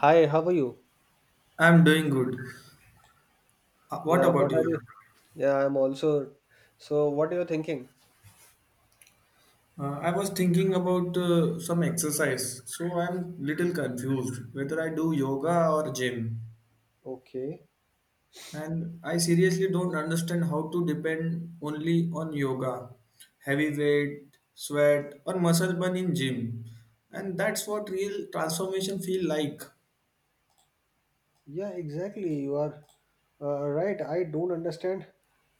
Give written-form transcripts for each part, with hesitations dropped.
Hi, how are you? I'm doing good. What Yeah, about what are you? you? Yeah, I'm also. So, what are you thinking? I was thinking about some exercise, so I'm little confused whether I do yoga or gym. Okay. And I seriously don't understand how to depend only on yoga, heavy weight, sweat, or muscle burn in gym. And that's what real transformation feel like. Yeah, exactly. You are right. I don't understand.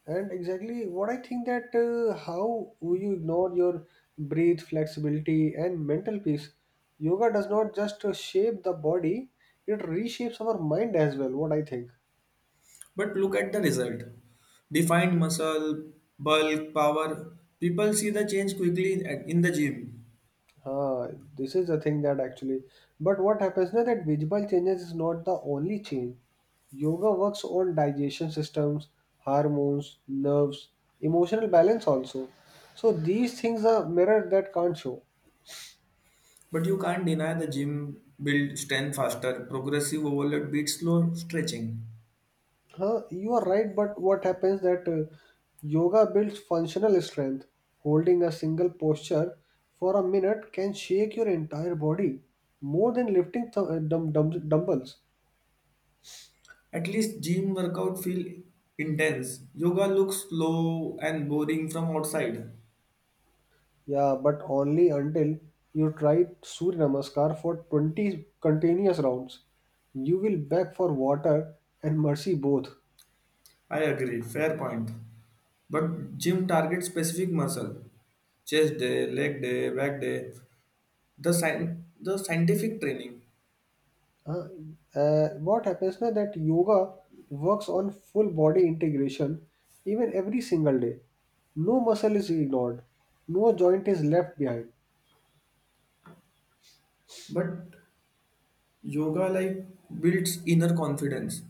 And exactly what I think that how you ignore your breathe, flexibility, and mental peace. Yoga does not just shape the body, it reshapes our mind as well. What I think. But look at the result. Defined muscle, bulk, power. People see the change quickly in the gym. Uh, this is the thing that actually. But what happens now that visible changes is not the only change. Yoga works on digestion systems, hormones, nerves, emotional balance also. So these things are mirror that can't show. But you can't deny the gym build strength faster, progressive overload beats slow stretching. Huh? You are right, but what happens that yoga builds functional strength. Holding a single posture for a minute can shake your entire body more than lifting dumbbells. At least gym workout feel intense. Yoga looks slow and boring from outside. Yeah, but only until you try Surya Namaskar for 20 continuous rounds. You will beg for water and mercy both. I agree, fair point. But gym targets specific muscle. Chest day, leg day, back day, the sci- the scientific training. Huh? What happens now that yoga works on full body integration even every single day. No muscle is ignored. No joint is left behind. But yoga like builds inner confidence.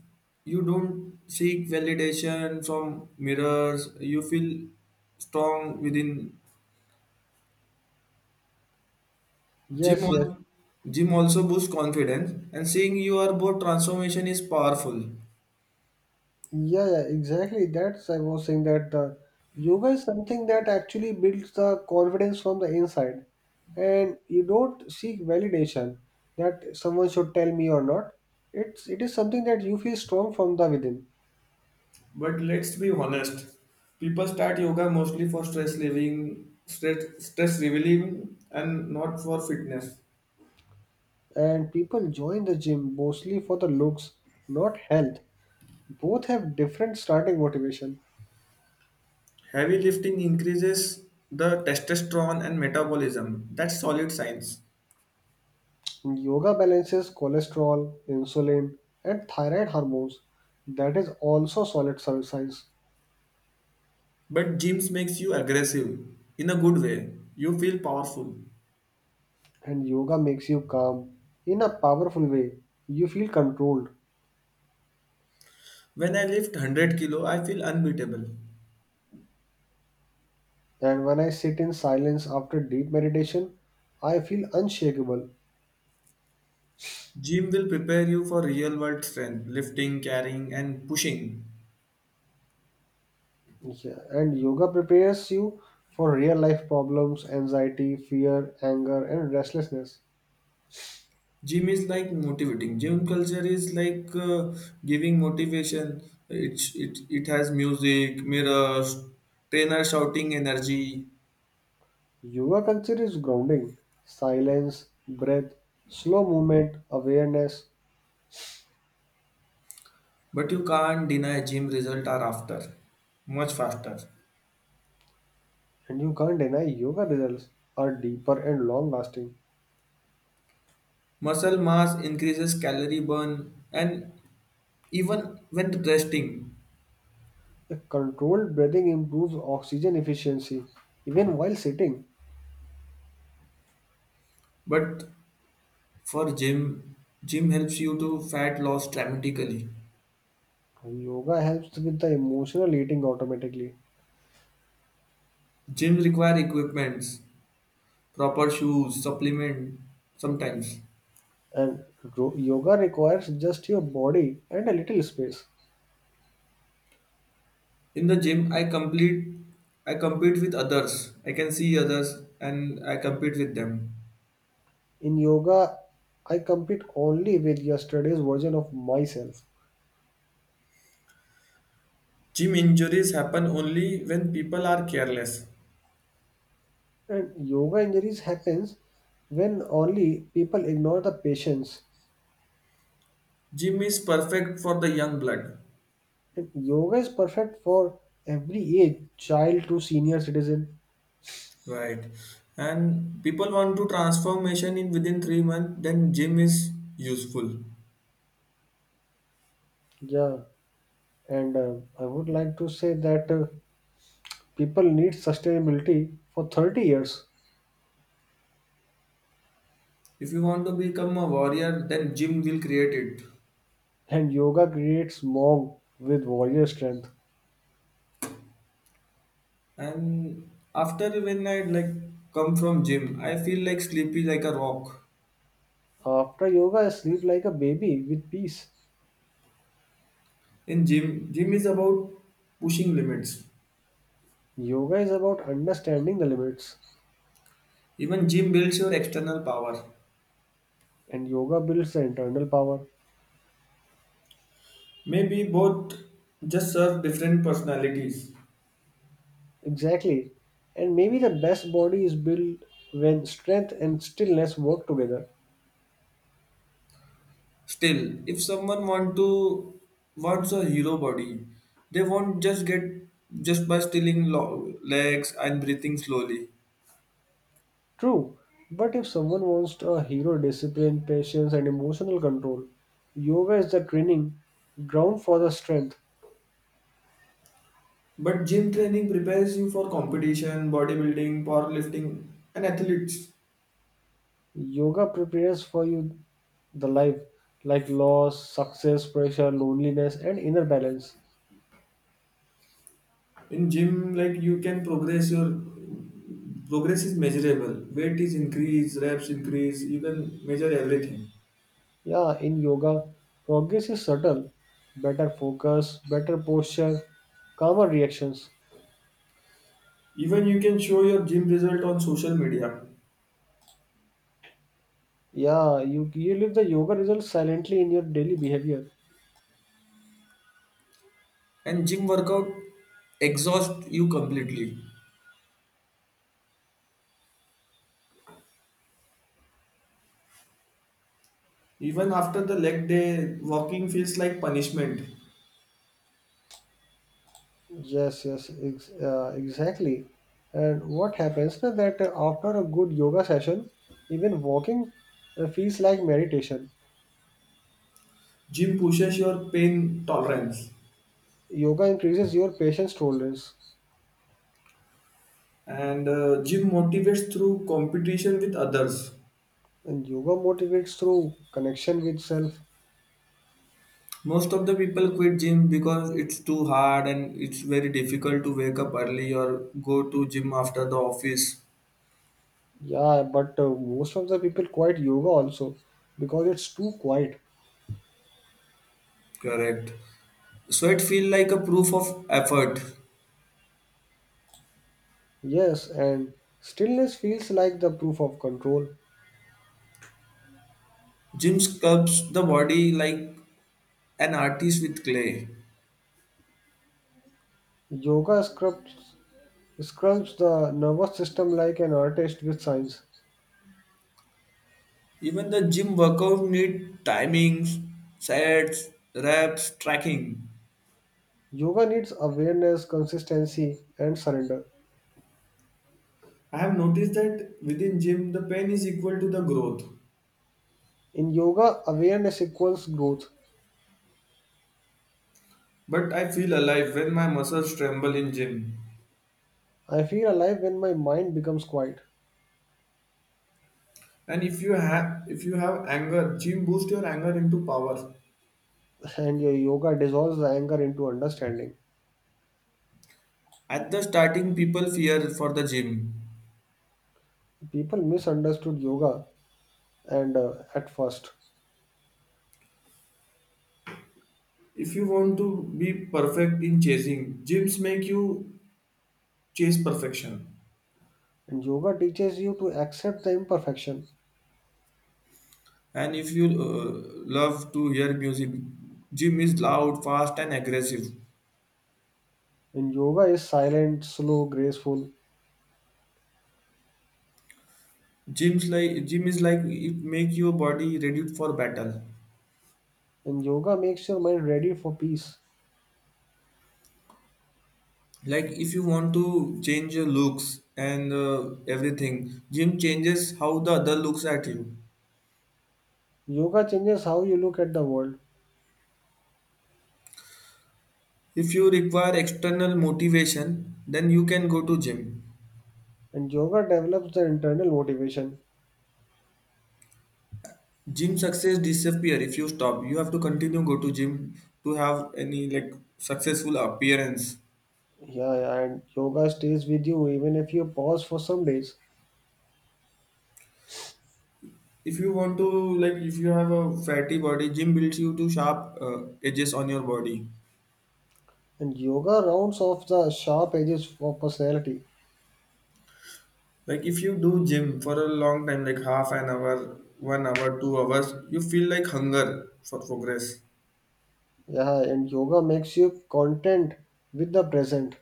You don't seek validation from mirrors. You feel strong within. Gym Yes, yes. al- Gym also boosts confidence and seeing your body transformation is powerful. Yeah, yeah, exactly. That's I was saying that yoga is something that actually builds the confidence from the inside, and you don't seek validation that someone should tell me or not. It is something that you feel strong from the within, But let's be honest. People start yoga mostly for stress relieving, stress relieving and not for fitness. and people join the gym mostly for the looks, not health. Both have different starting motivation. Heavy lifting increases the testosterone and metabolism. That's solid science. Yoga balances cholesterol, insulin, and thyroid hormones. That is also solid science. But gyms makes you aggressive in a good way. You feel powerful. And yoga makes you calm in a powerful way. You feel controlled, When I lift 100 kilo, I feel unbeatable. and when I sit in silence after deep meditation, I feel unshakable. Gym will prepare you for real world strength, lifting, carrying and pushing. Yeah, and yoga prepares you for real life problems, anxiety, fear, anger, and restlessness. Gym is like motivating. Gym culture is like giving motivation. It has music, mirrors, trainer shouting energy. Yoga culture is grounding, silence, breath, slow movement, awareness, But you can't deny gym result are after much faster. and you can't deny yoga results are deeper and long lasting. Muscle mass increases calorie burn and even when resting. The controlled breathing improves oxygen efficiency even while sitting. But for gym, gym helps you to fat loss dramatically. Yoga helps with the emotional eating automatically, Gym require equipments, proper shoes, supplement sometimes. and yoga requires just your body and a little space. In the gym, I compete with others. I can see others and I compete with them. In yoga, I compete only with yesterday's version of myself. Gym injuries happen only when people are careless. And yoga injuries happens when only people ignore the patience. Gym is perfect for the young blood, And yoga is perfect for every age, child to senior citizen. right? And people want to transformation in within 3 months. Then gym is useful. Yeah, and I would like to say that. People need sustainability for 30 years, If you want to become a warrior then gym will create it. and yoga creates mom with warrior strength. And after when I come from gym I feel like sleepy like a rock. After yoga, I sleep like a baby with peace. In gym is about pushing limits. Yoga is about understanding the limits, Even gym builds your external power. and yoga builds the internal power. Maybe both just serve different personalities. Exactly. And maybe the best body is built when strength and stillness work together. Still if someone want to wants a hero body, they won't just get just by stealing legs and breathing slowly. True, but if someone wants a hero discipline, patience, and emotional control, yoga is the training ground for the strength. But gym training prepares you for competition, bodybuilding, powerlifting, and athletes. Yoga prepares for you the life like loss, success, pressure, loneliness, and inner balance. In gym, like you can progress your progress is measurable. Weight is increased, reps increase. You can measure everything. Yeah, in yoga, progress is subtle. Better focus, better posture, calmer reactions. Even you can show your gym result on social media. Yeah, you live the yoga results silently in your daily behavior. And gym workout exhaust you completely. Even after the leg day, walking feels like punishment. Yes, yes, exactly. And what happens is that after a good yoga session, even walking feels like meditation. Gym pushes your pain tolerance, Yoga increases your patience tolerance. and gym motivates through competition with others. And yoga motivates through connection with self. Most of the people quit gym because it's too hard and it's very difficult to wake up early or go to gym after the office. Yeah, but most of the people quit yoga also because it's too quiet. Correct. Sweat it feel like a proof of effort. Yes, and stillness feels like the proof of control. Gym sculpts the body like an artist with clay. Yoga scrubs, scrubs the nervous system like an artist with signs. Even the gym workout need timings, sets, reps, tracking. Yoga needs awareness, consistency, and surrender. I have noticed that within gym the pain is equal to the growth. In yoga, awareness equals growth. But I feel alive when my muscles tremble in gym. I feel alive when my mind becomes quiet. And if you have anger, gym boost your anger into power. And your yoga dissolves the anger into understanding. At the starting, people fear for the gym. People misunderstood yoga and at first, If you want to be perfect in chasing, gyms make you chase perfection. and yoga teaches you to accept the imperfection, And if you love to hear music, gym is loud, fast, and aggressive. and yoga is silent slow graceful, Gym is like it make your body ready for battle. and yoga makes your mind ready for peace. Like if you want to change your looks and everything, gym changes how the other looks at you. Yoga changes how you look at the world, If you require external motivation, then you can go to gym. and yoga develops the internal motivation. Gym success disappear if you stop. You have to continue go to gym to have any like successful appearance. Yeah, yeah, and yoga stays with you even if you pause for some days, If you want to like if you have a fatty body, gym builds you to sharp edges on your body. and yoga rounds off the sharp edges of personality. Like if you do gym for a long time, like half an hour, 1 hour, 2 hours, you feel like hunger for progress. Yeah, and yoga makes you content with the present,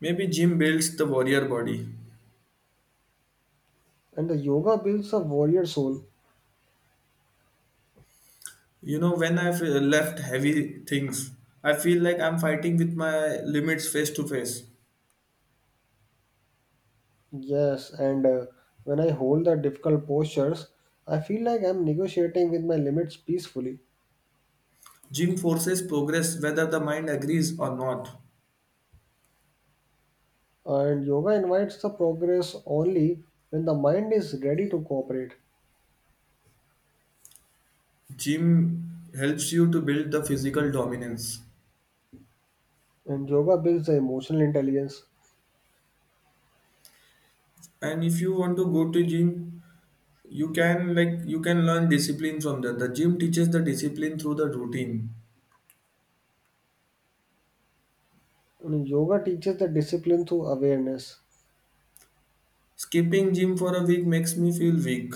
Maybe gym builds the warrior body. and the yoga builds a warrior soul. You know, when I've left heavy things, I feel like I'm fighting with my limits face to face. Yes, and when I hold the difficult postures, I feel like I'm negotiating with my limits peacefully. Gym forces progress whether the mind agrees or not. And yoga invites the progress only when the mind is ready to cooperate. Gym helps you to build the physical dominance. And yoga builds the emotional intelligence. And if you want to go to gym, you can learn discipline from that. The gym teaches the discipline through the routine. And yoga teaches the discipline through awareness. Skipping gym for a week makes me feel weak.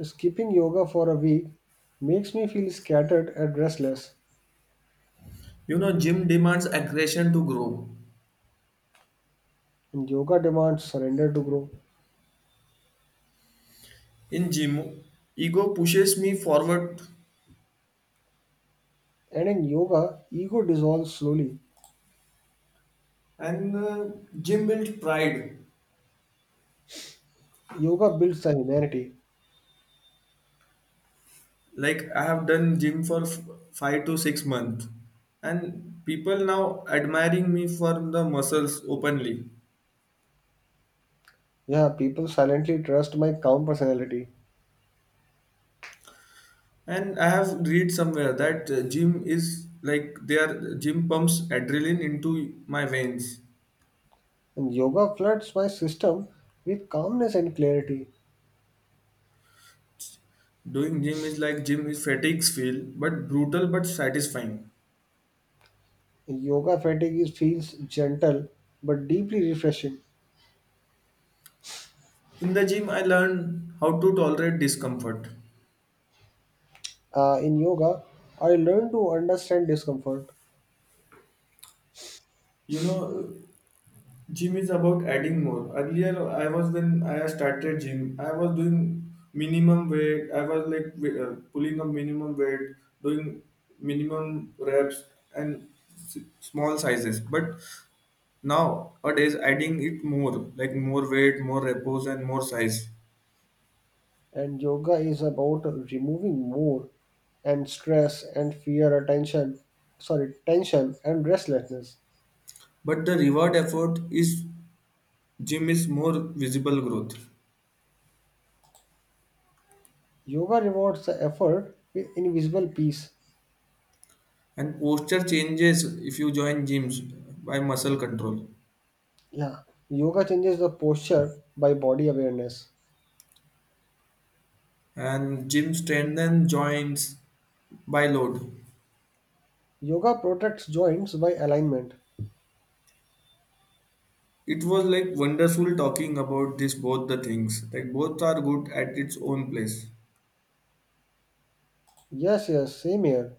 Skipping yoga for a week makes me feel scattered and restless. You know, gym demands aggression to grow. And yoga demands surrender to grow. In gym, ego pushes me forward, And in yoga, ego dissolves slowly. and gym built pride. Yoga builds the humanity. Like I have done gym for 5 to 6 months and people now admiring me for the muscles openly. Yeah, people silently trust my calm personality, And I have read somewhere that gym is like their gym pumps adrenaline into my veins. and yoga floods my system with calmness and clarity. Doing gym is like gym is fatigues feel but brutal but satisfying. Yoga fatigue feels gentle but deeply refreshing. In the gym I learned how to tolerate discomfort, In yoga, I learn to understand discomfort, you know. Gym is about adding more. Earlier, I was when I started gym, I was doing minimum weight. I was like pulling up minimum weight, doing minimum reps and small sizes. But nowadays, adding it more, like more weight, more repos, and more size. and yoga is about removing more and stress and fear, tension and restlessness. But the reward effort is gym is more visible growth Yoga rewards the effort with invisible peace. and posture changes if you join gyms by muscle control. Yeah, yoga changes the posture by body awareness. And gym Strandon joints by load. Yoga protects joints by alignment. It was like wonderful talking about this both the things. Like both are good at its own place. Yes, yes, same here.